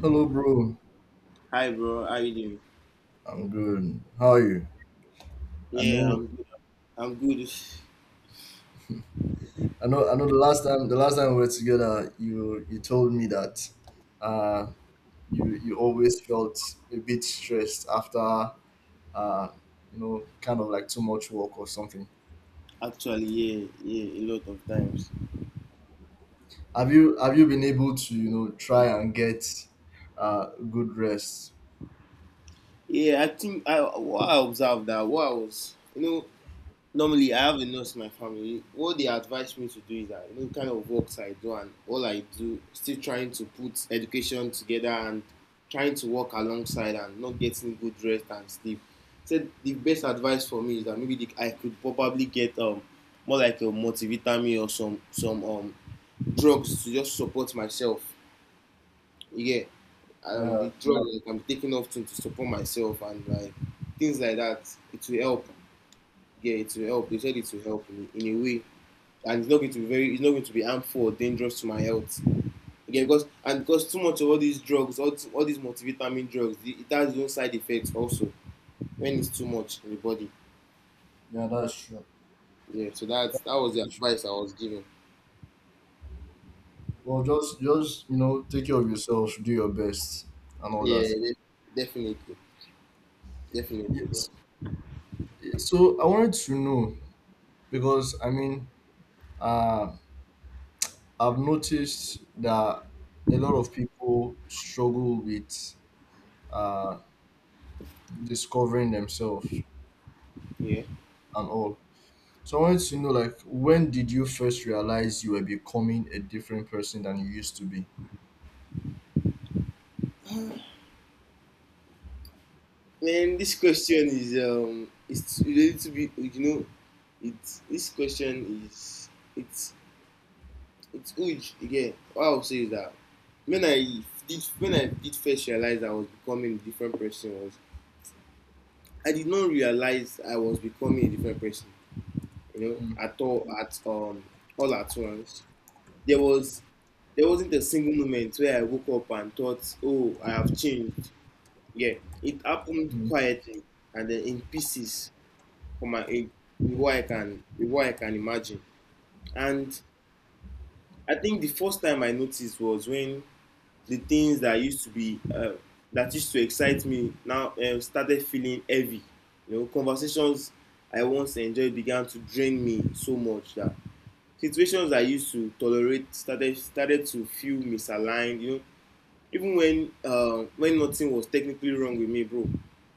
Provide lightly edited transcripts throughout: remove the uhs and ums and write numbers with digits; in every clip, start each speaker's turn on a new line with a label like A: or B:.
A: Hello, bro.
B: Hi, bro. How you doing?
A: I'm good. How are you? I
B: Yeah,
A: know,
B: I'm good. I'm good.
A: I know. The last time we were together, you told me that uh, you always felt a bit stressed after kind of like too much work or something.
B: Actually, yeah, yeah, a lot of times.
A: Have you been able to try and get good rest?
B: Yeah, I think I what I observed that what I was, you know, normally I have a nurse in my family. What they advise me to do is that you know, kind of works I do and all I do, still trying to put education together and trying to work alongside and not getting good rest and sleep. So the best advice for me is that maybe the, I could probably get more like a multivitamin or some drugs to just support myself. Yeah,
A: Yeah,
B: the drug like, I'm taking off to support myself and like things like that. It will help. Yeah, it will help. They said it will help in a way, and it's not going to be very. It's not going to be harmful or dangerous to my health. Yeah, because and because too much of all these drugs, all these multivitamin drugs, it has its side effects also when it's too much in the body.
A: yeah, that's true.
B: Yeah, so that was the advice I was given.
A: Well, just take care of yourself, do your best, and all
B: Yeah,
A: that.
B: definitely, definitely, bro.
A: Yes. So I wanted to know, because uh, I've noticed that a lot of people struggle with uh, discovering themselves
B: Yeah.
A: and all. So I wanted to know, like, when did you first realize you were becoming a different person than you used to be?
B: Man, this question is it's a little bit you know, it's this question is it's it's huge again. What I'll say is that when I when I did first realize I was becoming a different person was I did not realize I was becoming a different person, you know,
A: Mm,
B: at all at once. There was there wasn't a single moment where I woke up and thought, oh, I have changed. Yeah, it happened
A: mm,
B: quietly and then in pieces from my age what I can with what I can imagine. And I think the first time I noticed was when the things that used to be that used to excite me now started feeling heavy. You know, conversations I once enjoyed began to drain me so much that situations I used to tolerate started to feel misaligned. You know, even when nothing was technically wrong with me, bro.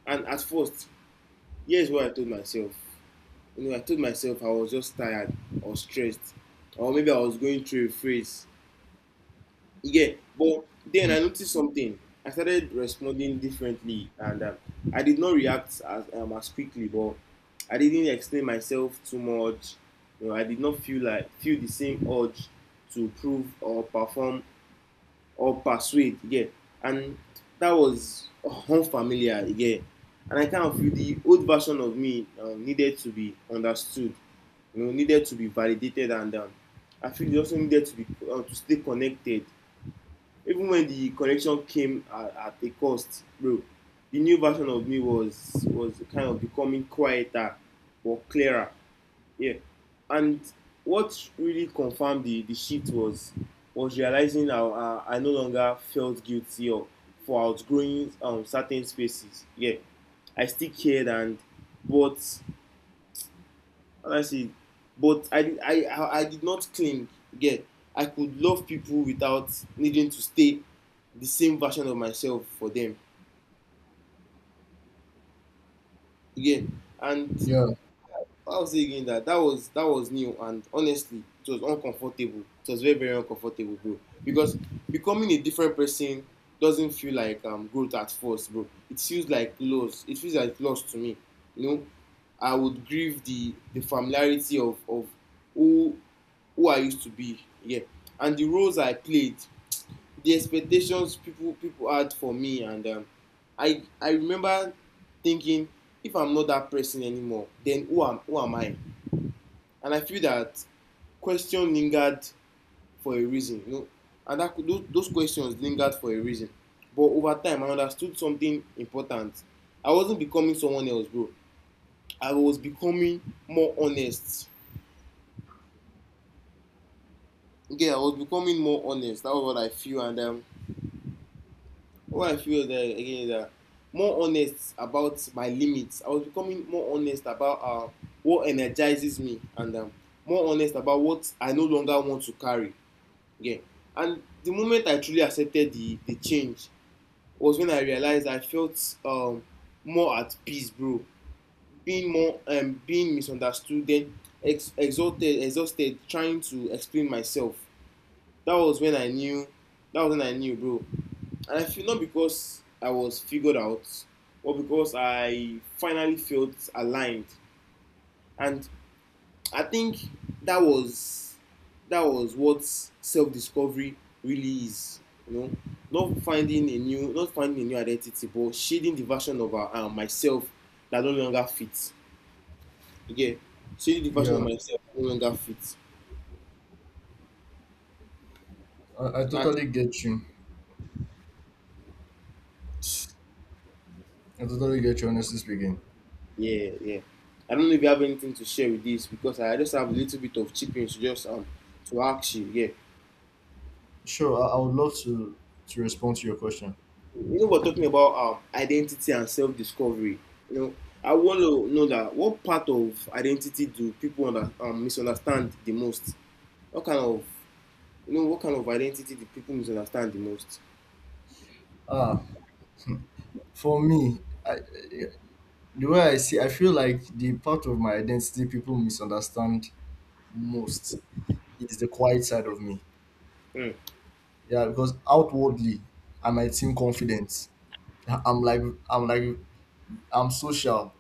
B: And at first, here's what I told myself: you know, I told myself I was just tired or stressed, or maybe I was going through a phase. Yeah, but then I
A: mm.
B: noticed something. I started responding differently, and I did not react as quickly, but I didn't explain myself too much. You know, I did not feel the same urge to prove or perform or persuade. Yeah, and that was unfamiliar. Yeah, and I kind of feel the old version of me needed to be understood, you know, needed to be validated, and I feel you also needed to be to stay connected. Even when the connection came at a cost, bro, the new version of me was kind of becoming quieter or clearer. Yeah, and what really confirmed the shift was realizing I no longer felt guilty or for outgrowing certain spaces. Yeah, I still cared, and but honestly, but did not cling. Get I could love people without needing to stay the same version of myself for them. Again,
A: Yeah,
B: and I'll say again that that was new, and honestly it was uncomfortable. It was very, very uncomfortable, bro. Because becoming a different person doesn't feel like growth at first, bro. It feels like loss. It feels like loss to me. You know, I would grieve the familiarity of who who I used to be. Yeah, and the roles I played, the expectations people had for me, and I remember thinking, if I'm not that person anymore, then who am I? And I feel that question lingered for a reason, you know, and that those questions lingered for a reason. But over time, I understood something important. I wasn't becoming someone else, bro. I was becoming more honest. Yeah, I was becoming more honest. That was what I feel, and what I feel that again is that more honest about my limits. I was becoming more honest about what energizes me, and more honest about what I no longer want to carry. Again. And the moment I truly accepted the change was when I realized I felt more at peace, bro. Being more being misunderstood, then exalted, exhausted, trying to explain myself. That was when I knew. That was when I knew, bro. And I feel not because I was figured out, or because I finally felt aligned. And I think that was that was what self-discovery really is. You know, not finding a new identity, but shading the version of myself that no longer fits. Yeah, shading the version
A: yeah,
B: of myself that no longer fits.
A: I, I
B: That's,
A: totally get you. I totally get you. Honestly speaking,
B: yeah, yeah. I don't know if you have anything to share with this, because I just have a little bit of chickens to just to ask you. Yeah.
A: sure, I would love to respond to your question.
B: You know, we're talking about identity and self-discovery, you know, I want to know that what part of identity do people misunderstand the most? What kind of, you know, what kind of identity do people misunderstand the most?
A: Ah, for me, I, the way I see, I feel like the part of my identity people misunderstand most is the quiet side of me.
B: Mm.
A: Yeah, because outwardly, I might seem confident. I'm like, I'm like, I'm social.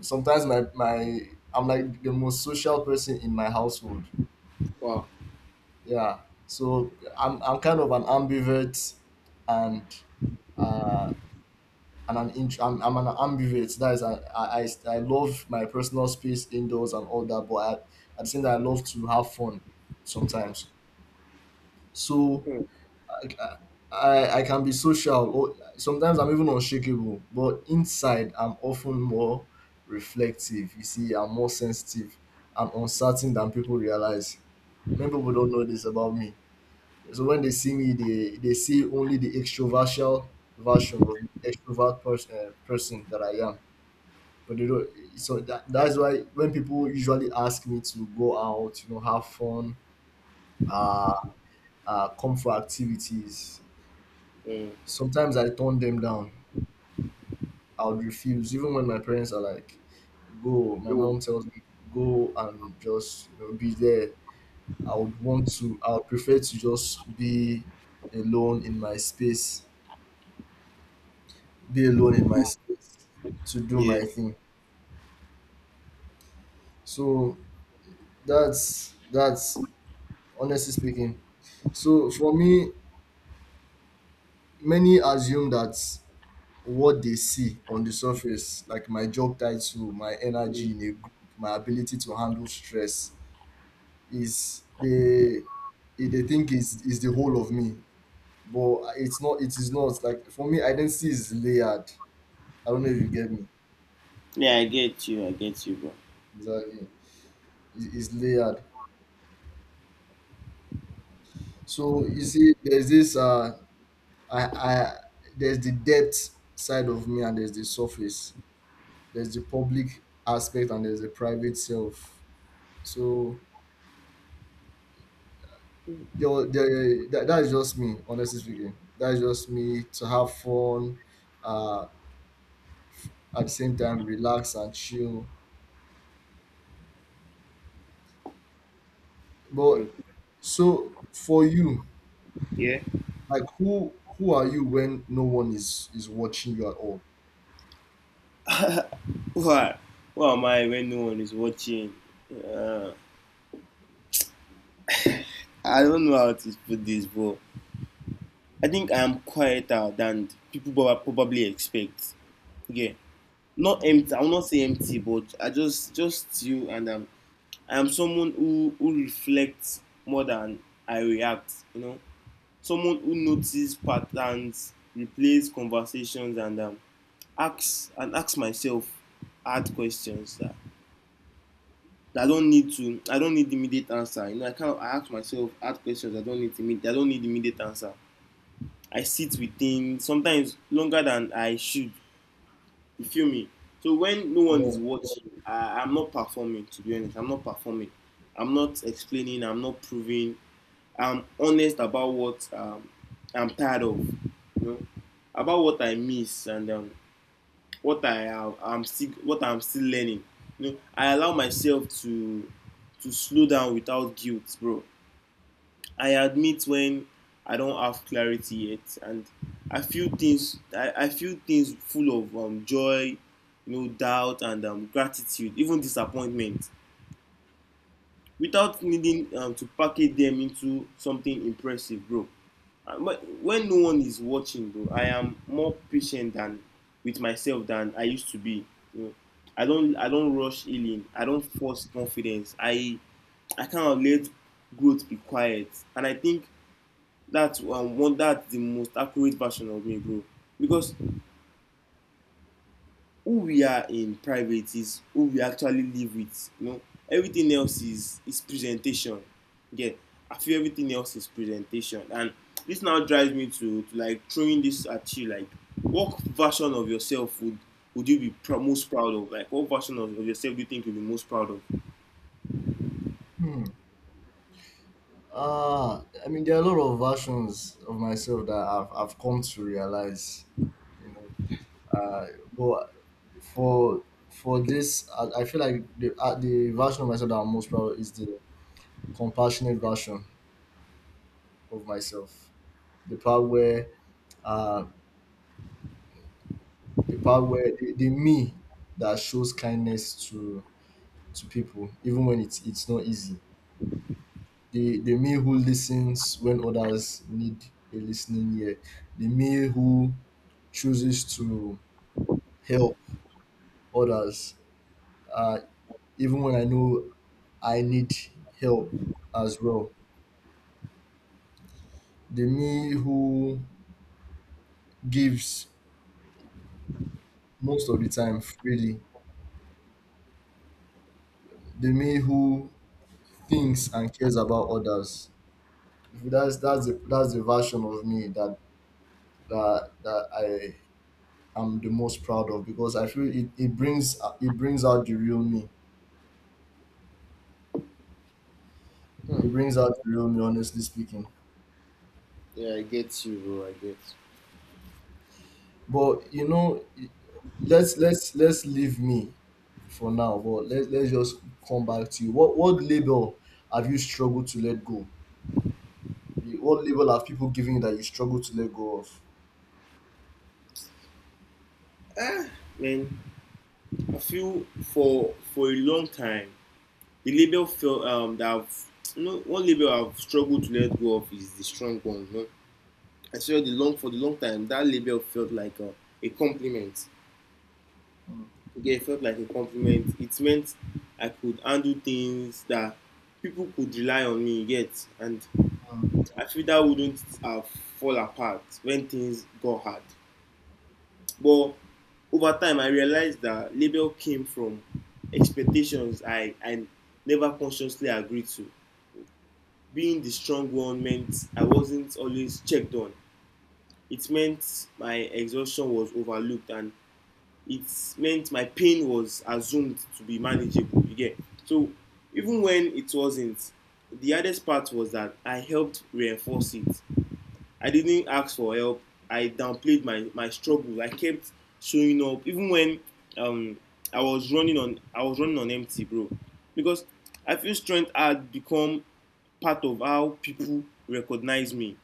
A: Sometimes I'm like the most social person in my household.
B: Wow.
A: Yeah, so I'm kind of an ambivert, and uh, I'm an ambivert. That is, I love my personal space indoors and all that, but I, at the same time, I love to have fun sometimes. So
B: Mm.
A: like, I can be social. Or sometimes I'm even unshakable, but inside, I'm often more reflective. You see, I'm more sensitive. I'm uncertain than people realize. Many people don't know this about me. So when they see me, they see only the extrovertial version of me, extrovert person that I am, but you know, so that's why when people usually ask me to go out, you know, have fun, uh, come for activities,
B: Mm.
A: sometimes I turn them down. I would refuse, even when my parents are like, "Go." My
B: Mm.
A: mom tells me, "Go and just be there." I would want to. I would prefer to just be alone in my space, be alone in my space to do
B: Yeah.
A: my thing. So that's honestly speaking. So for me, many assume that what they see on the surface, like my job title, my
B: Mm.
A: energy in a group, my ability to handle stress, is they think is the whole of me. But it's not. It is not. Like for me, identity is layered. I don't know if you get me.
B: Yeah, I get you. I get you, bro.
A: Exactly, it- it's layered. So you see, there's this I there's the depth side of me and there's the surface, there's the public aspect and there's the private self. So there, wa- there that, that is just me, honestly speaking. That is just me to have fun, uh, at the same time relax and chill.
B: Mm.
A: But so for you,
B: Yeah.
A: like who are you when no one is watching you at all?
B: What? What am I when no one is watching? uh, I don't know how to put this, bro. I think I am quieter than people probably expect. Yeah, not empty, I will not say empty, but I just you, and I am someone who reflects more than I react, you know, someone who notices patterns, replays conversations, and asks myself hard that I don't need immediate answer. You know, I kind of I ask myself hard questions, I don't need immediate I don't need immediate answer. I sit with things sometimes longer than I should. You feel me? So when no one
A: Yeah.
B: is watching, I'm not performing. To be honest, I'm not performing. I'm not explaining. I'm not proving. I'm honest about what I'm tired of. You know, about what I miss, and what I have. I'm still what I'm still learning. You know, I allow myself to slow down without guilt, bro. I admit when I don't have clarity yet, and I feel things. I feel things full of joy, you know, doubt, and gratitude, even disappointment, without needing to package them into something impressive, bro. But when no one is watching, bro, I am more patient than with myself than I used to be. You know, I don't rush healing. I don't force confidence. I kind of let growth be quiet, and I think that's one that's the most accurate version of me, bro, because who we are in private is who we actually live with, you know. Everything else is presentation. Yeah, I feel everything else is presentation. And this now drives me to like throwing this at you: like what version of yourself would you be most proud of? Like what version of yourself do you think you'll be most proud of?
A: Hmm. Ah, I mean, there are a lot of versions of myself that I've come to realize. You know, Uh, but for for this, I feel like the version of myself that I'm most proud of is the compassionate version of myself. The part where uh the part where the me that shows kindness to people, even when it's not easy. The me who listens when others need a listening ear. The me who chooses to help others, uh, even when I know I need help as well. The me who gives most of the time freely. The me who thinks and cares about others. That's the version of me that I am the most proud of because I feel it brings out the real me.
B: Hmm.
A: It brings out the real me, honestly speaking.
B: Yeah, I get you, bro. I get.
A: But you know, let's leave me for now, but let's just come back to you. What label have you struggled to let go, eh, what label have people given you that you struggle to let go of?
B: Man, I feel for a long time the label felt you know, one label I've struggled to let go of is the strong one. You know? I saw the long for the long time that label felt like a compliment.
A: Mm,
B: Yeah, it felt like a compliment. It meant I could handle things, that people could rely on me yet, and
A: mm.
B: I feel that wouldn't have fall apart when things got hard. But over time, I realized that label came from expectations I never consciously agreed to. Being the strong one meant I wasn't always checked on. It meant my exhaustion was overlooked, and it meant my pain was assumed to be manageable. You So even when it wasn't, the hardest part was that I helped reinforce it. I didn't ask for help. I downplayed my struggle. I kept showing up even when um I was running on empty, bro. Because I feel strength had become part of how people recognize me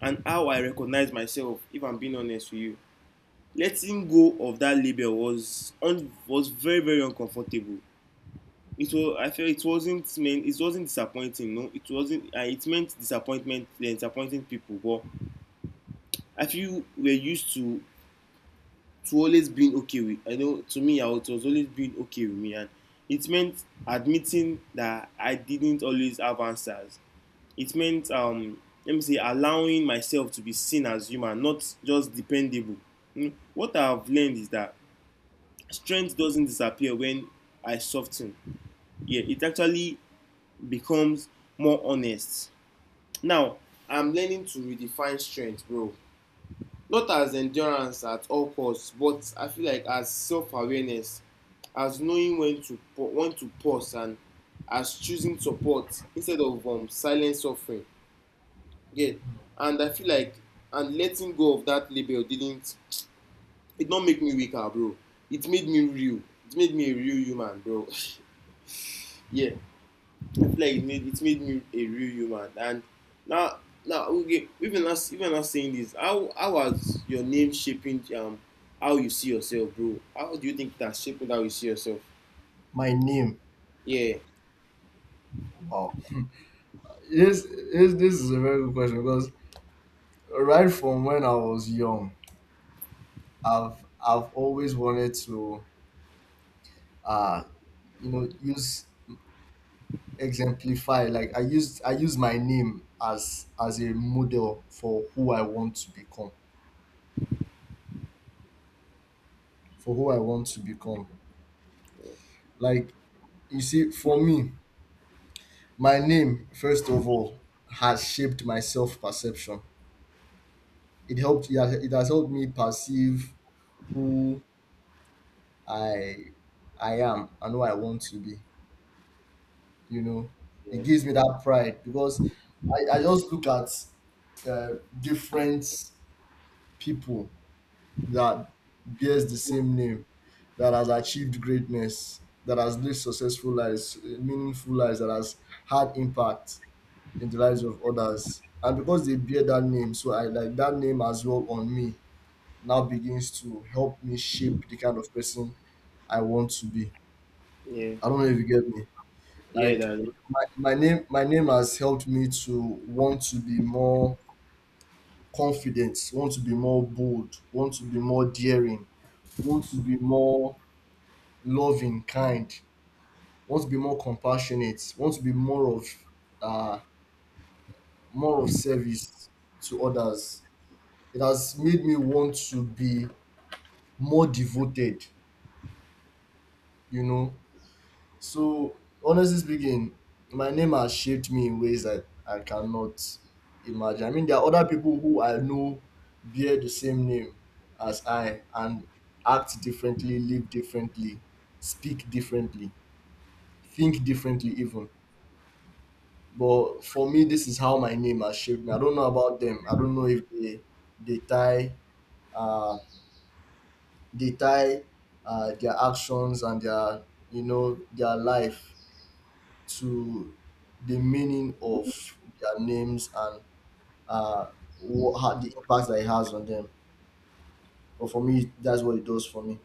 B: and how I recognize myself, if I'm being honest with you. Letting go of that label was very, very uncomfortable. It was I felt it wasn't meant it wasn't disappointing, no, it wasn't it meant disappointment disappointing people. But I feel we're used to always being okay with I know to me I was it was always being okay with me. And it meant admitting that I didn't always have answers. It meant let me say allowing myself to be seen as human, not just dependable. Mm. What I have learned is that strength doesn't disappear when I soften. Yeah, it actually becomes more honest. Now I'm learning to redefine strength, bro, not as endurance at all costs, but I feel like as self-awareness, as knowing when to pause, and as choosing support instead of silent suffering. Yeah. And I feel like and letting go of that label didn't it don't make me weaker, bro. It made me real. It made me a real human, bro. Yeah. I feel like it made me a real human. And now okay, even us saying this, how was your name shaping, how you see yourself, bro? How do you think that shaping how you see yourself?
A: My name.
B: Yeah.
A: Wow. This, this is a very good question because right from when I was young, I've always wanted to uh you know use exemplify like I used I use my name as a model for who I want to become, for who I want to become. Like, you see, for me, my name, first of all, has shaped my self perception. It has helped me perceive who I, I am and who I want to be. You know, it
B: Yeah.
A: gives me that pride because I just look at uh, different people that bears the same name, that has achieved greatness, that has lived successful lives, eh, meaningful lives, that has had impact in the lives of others. And because they bear that name, so I like that name as well on me now begins to help me shape the kind of person I want to be.
B: Yeah.
A: I don't know if you get me.
B: Yeah,
A: Like
B: that
A: my name, my name has helped me to want to be more confident, want to be more bold, want to be more daring, want to be more loving, kind, want to be more compassionate, want to be uh, more of service to others. It has made me want to be more devoted, you know. So honestly speaking, my name has shaped me in ways that I cannot imagine. I mean, there are other people who I know bear the same name as I and act differently, live differently, speak differently, think differently, even. But for me, this is how my name has shaped me. I don't know about them. I don't know if they they tie uh tie their actions and their, you know, their life to the meaning of their names and uh what, how, the impact that it has on them. But for me, that's what it does for me.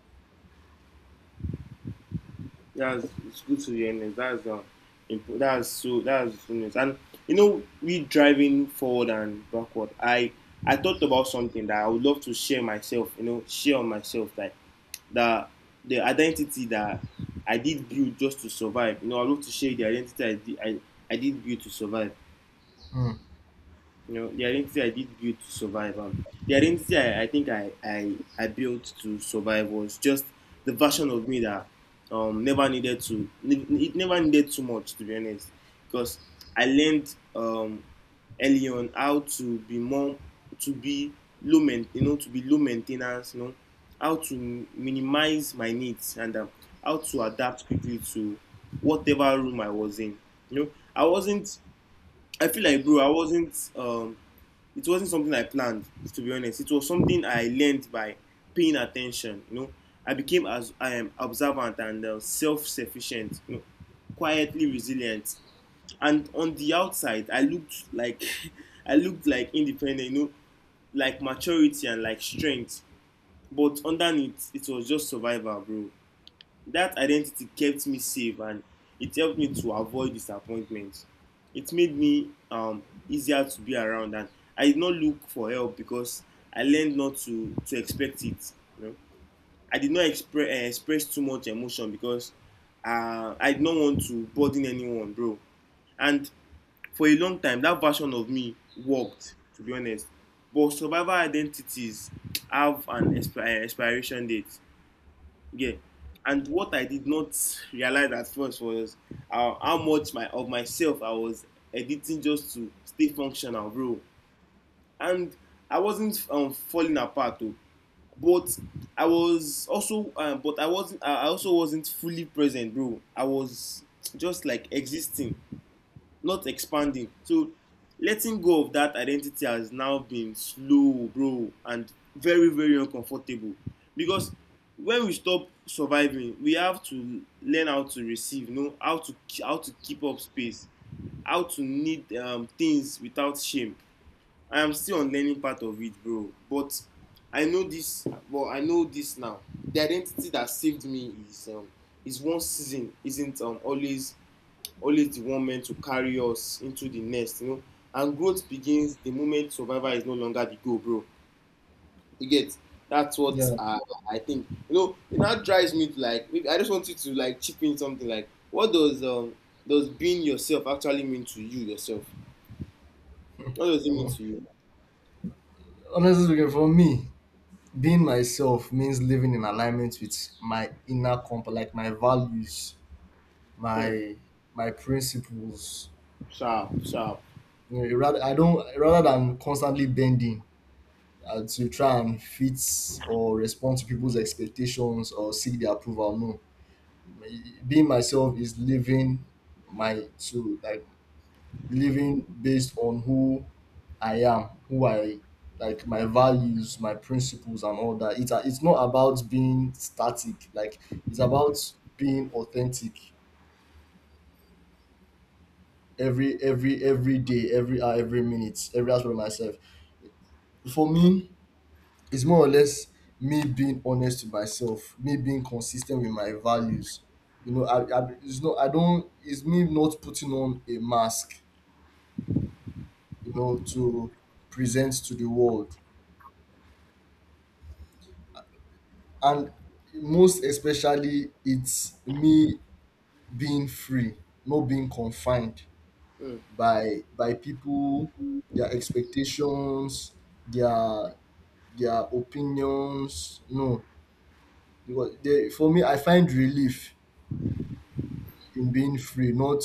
B: That's it's good to hear news. That's that's so that's good news. And you know, we driving forward and backward. I thought about something that I would love to share myself. You know, share on myself like that, the identity that I did build just to survive. You know, I love to share the identity I did build to survive.
A: Hmm.
B: You know, the identity I did build to survive. The identity I think I built to survive was just the version of me that never needed to, it never needed too much, to be honest. Because I learned early on how to be more, to be you know, to be low maintenance, you know, how to minimize my needs, and how to adapt quickly to whatever room I was in. You know, I wasn't. I feel like, bro, I wasn't, it wasn't something I planned, to be honest. It was something I learned by paying attention. You know, I became as I am observant and self-sufficient, you know, quietly resilient. And on the outside, I looked like I looked like independent, you know, like maturity and like strength. But underneath, it was just survival, bro. That identity kept me safe, and it helped me to avoid disappointment. It made me easier to be around, and I did not look for help because I learned not to expect it. You know? I did not express too much emotion because I did not want to burden anyone, bro. And for a long time, that version of me worked, to be honest. But survivor identities have an expiration date. Yeah. And what I did not realize at first was how much my of myself I was editing just to stay functional, bro. And I wasn't, falling apart though. But I wasn't. I also wasn't fully present, bro. I was just like existing, not expanding. So letting go of that identity has now been slow, bro, and very, very uncomfortable. Because when we stop surviving, we have to learn how to receive, you know, how to keep up space, how to need things without shame. I am still on learning part of it, bro. But I know this. Well, I know this now. The identity that saved me is, one season isn't always the one meant to carry us into the nest, you know. And growth begins the moment survival is no longer the goal, bro. You get that's what
A: Yeah.
B: I think. You know, it now drives me to like maybe I just want you to like chip in something. Like, what does being yourself actually mean to you yourself? What does it mean
A: Well,
B: to you?
A: honestly speaking, for me, being myself means living in alignment with my inner compass, like my values,
B: Hmm.
A: my my principles.
B: Sharp, sharp.
A: You know, rather I don't rather than constantly bending to try and fit or respond to people's expectations or seek their approval. No, being myself is living my to like living based on who I am, who I like my values, my principles, and all that. It's a- it's not about being static. Like it's about being authentic every day, every hour, every minute, every aspect of myself. For me, it's more or less me being honest to myself, me being consistent with my values. You know, I it's not I don't it's me not putting on a mask, you know, to present to the world. And most especially it's me being free, not being confined
B: Hmm.
A: by people, their expectations, their their opinions. No, because they, for me, I find relief in being free, not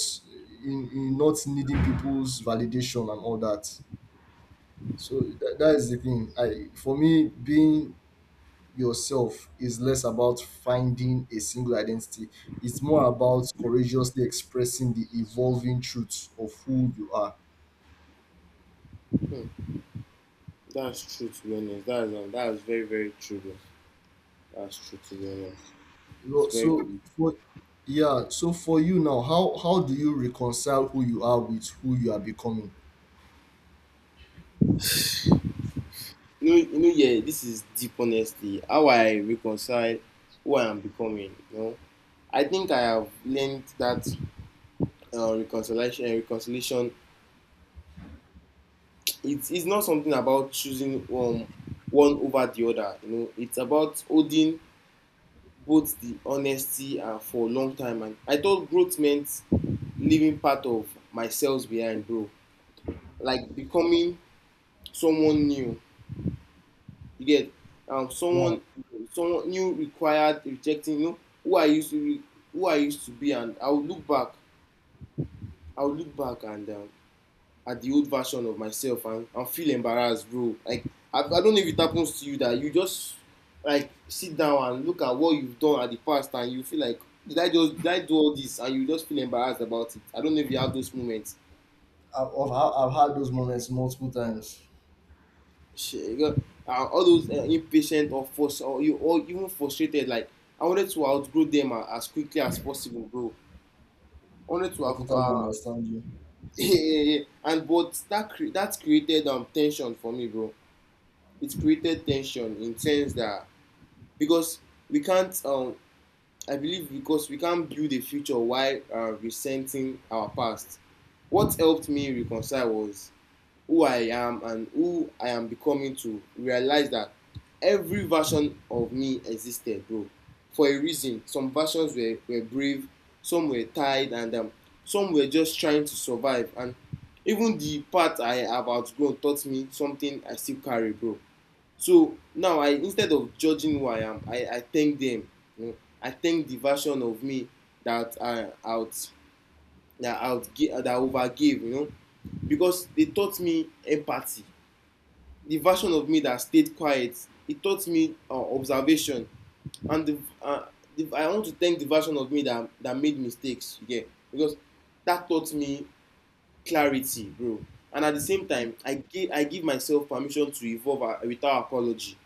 A: in not needing people's validation and all that. So that is the thing. I For me, being yourself is less about finding a single identity. It's more about courageously expressing the evolving truths of who you are.
B: That's true, to be honest. That's very, very true, bro. That's true, to be honest.
A: You
B: It's
A: know,
B: very
A: so for, yeah, so for you now, how do you reconcile who you are with who you are becoming?
B: New Year, this is deep, honesty. How I reconcile who I am becoming. You know, I think I have learned that Reconciliation. It's not something about choosing one over the other. You know, it's about holding both the honesty. And for a long time, And I thought growth meant leaving part of myself behind, bro. Like becoming someone new. You get someone Someone new required rejecting, you know, who I used to be. And I would look back and, at the old version of myself and, feel embarrassed, bro. Like I don't know if it happens to you that you just like sit down and look at what you've done at the past and you feel like did I do all this, and you just feel embarrassed about it. I don't know if you have those moments.
A: I've had those moments multiple times.
B: Chega, all those impatient or force or you or even frustrated. Like I wanted to outgrow them as quickly as possible, bro. I wanted to,
A: I totally understand you.
B: yeah, yeah, yeah. And but that created tension for me, bro. It created tension in sense that because we can't I believe because we can't build a future while resenting our past. What helped me reconcile was who I am and who I am becoming, to realize that every version of me existed, bro, for a reason. Some versions were brave, some were tired, and some were just trying to survive. And even the part I have outgrown taught me something I still carry, bro. So now I instead of judging who I am, I thank them. You know, I thank the version of me that I out that outgive that overgave, you know, because they taught me empathy. The version of me that stayed quiet, it taught me observation. And the I want to thank the version of me that made mistakes, yeah, because that taught me clarity, bro. And at the same time, I give myself permission to evolve, without apology.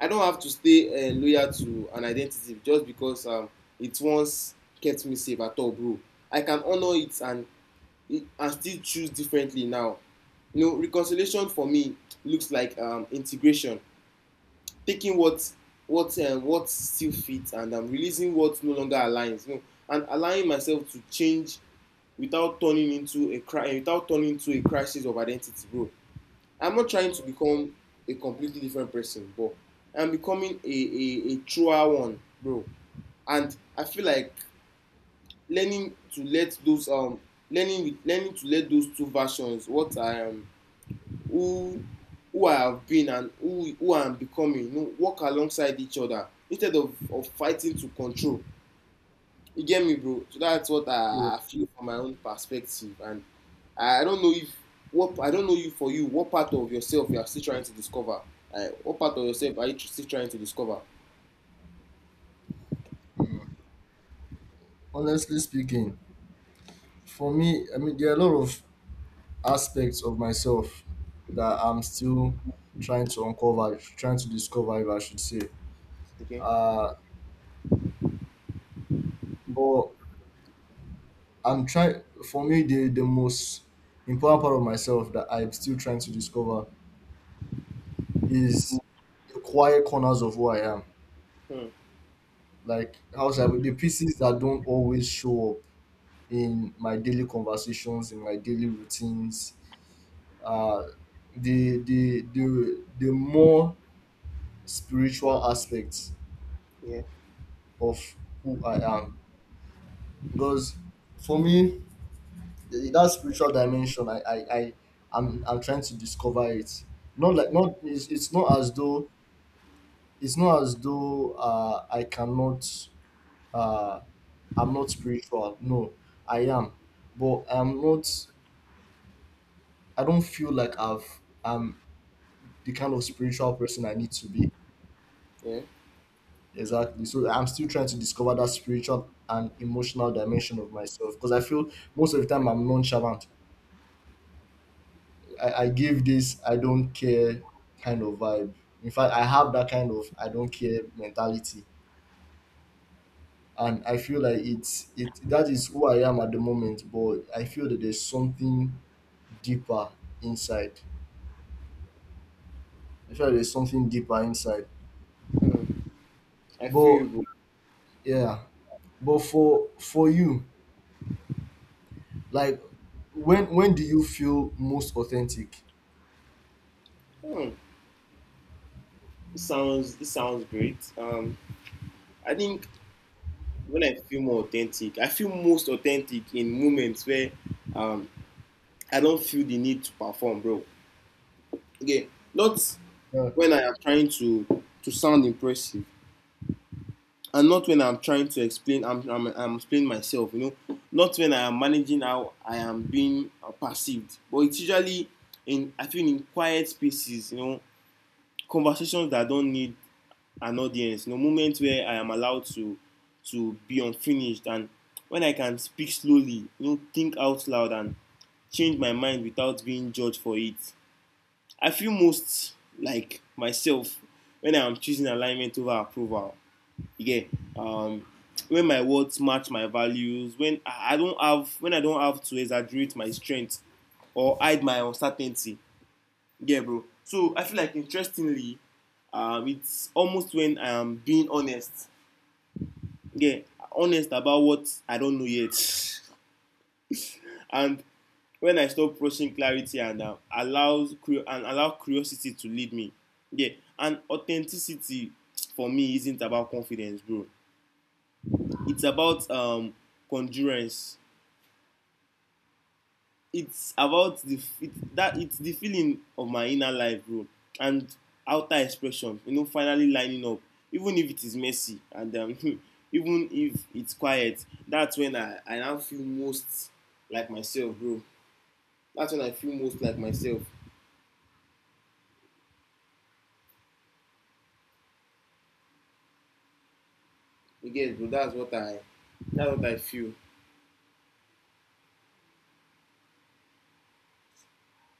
B: I don't have to stay loyal to an identity just because it once kept me safe at all, bro. I can honor it, and it, and still choose differently now. You know, reconciliation for me looks like, integration, taking what what still fits and, releasing what no longer aligns. You know, and allowing myself to change without turning into a without turning into a crisis of identity, bro. I'm not trying to become a completely different person, but I'm becoming a a truer one, bro. And I feel like learning to let those um learning to let those two versions, what I am who I have been and who I am becoming, you know, work alongside each other instead of fighting to control. You get me, bro? So that's what
A: Yeah.
B: feel from my own perspective. And I don't know if what I don't know you for you, what part of yourself you are still trying to discover? What part of yourself are you still trying to discover?
A: Honestly speaking, for me, I mean, there are a lot of aspects of myself that I'm still trying to uncover, trying to discover, if I should say.
B: Okay.
A: Uh, but I'm trying, for me, the most important part of myself that I'm still trying to discover is the quiet corners of who I am.
B: Hmm.
A: Like, how should I put- the pieces that don't always show up in my daily conversations, in my daily routines. Uh, the more spiritual aspects
B: Yeah.
A: of who I am, because for me, that spiritual dimension, I'm trying to discover it. Not like not it's not as though, it's not as though I cannot, uh, I'm not spiritual. No, I am, but I'm not. I don't feel like I'm the kind of spiritual person I need to be.
B: Yeah.
A: Exactly. So I'm still trying to discover that spiritual and emotional dimension of myself because I feel most of the time I'm nonchalant. I give this I don't care kind of vibe. In fact, I have that kind of I don't care mentality. And I feel like it that is who I am at the moment, but I feel that there's something deeper inside. I feel like there's something deeper inside.
B: Hmm. I feel
A: But
B: you,
A: yeah. But for you, like when do you feel most authentic?
B: bro. Hmm. It sounds great. I think when I feel more authentic, I feel most authentic in moments where, um, I don't feel the need to perform, bro. Okay, not
A: Yeah.
B: when I am trying to sound impressive, and not when I'm trying to explain. I'm explaining myself, you know. Not when I am managing how I am being perceived. But it's usually in I feel in quiet spaces, you know, conversations that don't need an audience, you know, moments where I am allowed to be unfinished, and when I can speak slowly, you know, think out loud, and change my mind without being judged for it. I feel most like myself when I am choosing alignment over approval. Yeah, um, when my words match my values, when I don't have when I don't have to exaggerate my strength or hide my uncertainty. Yeah, bro. So I feel like, interestingly, it's almost when I am being honest, yeah, honest about what I don't know yet. And when I stop rushing clarity, and and allow curiosity to lead me. Yeah, and authenticity for me isn't about confidence, bro. It's about, congruence. It's about the it's the feeling of my inner life, bro, and outer expression, you know, finally lining up, even if it is messy, and, even if it's quiet. That's when I now feel most like myself, bro. That's when I feel most like myself. You get it, bro? That's what I feel,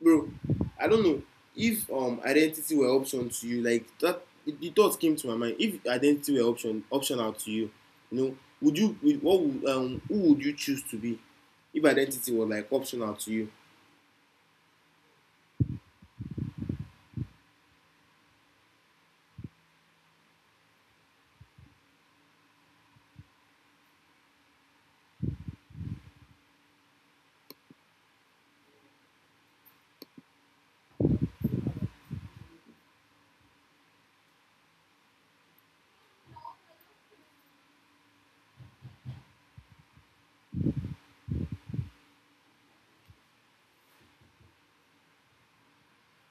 B: bro. I don't know if identity were option to you, like that. The thought came to my mind. If identity were optional to you, you know, what would, who would you choose to be? If identity was like optional to you,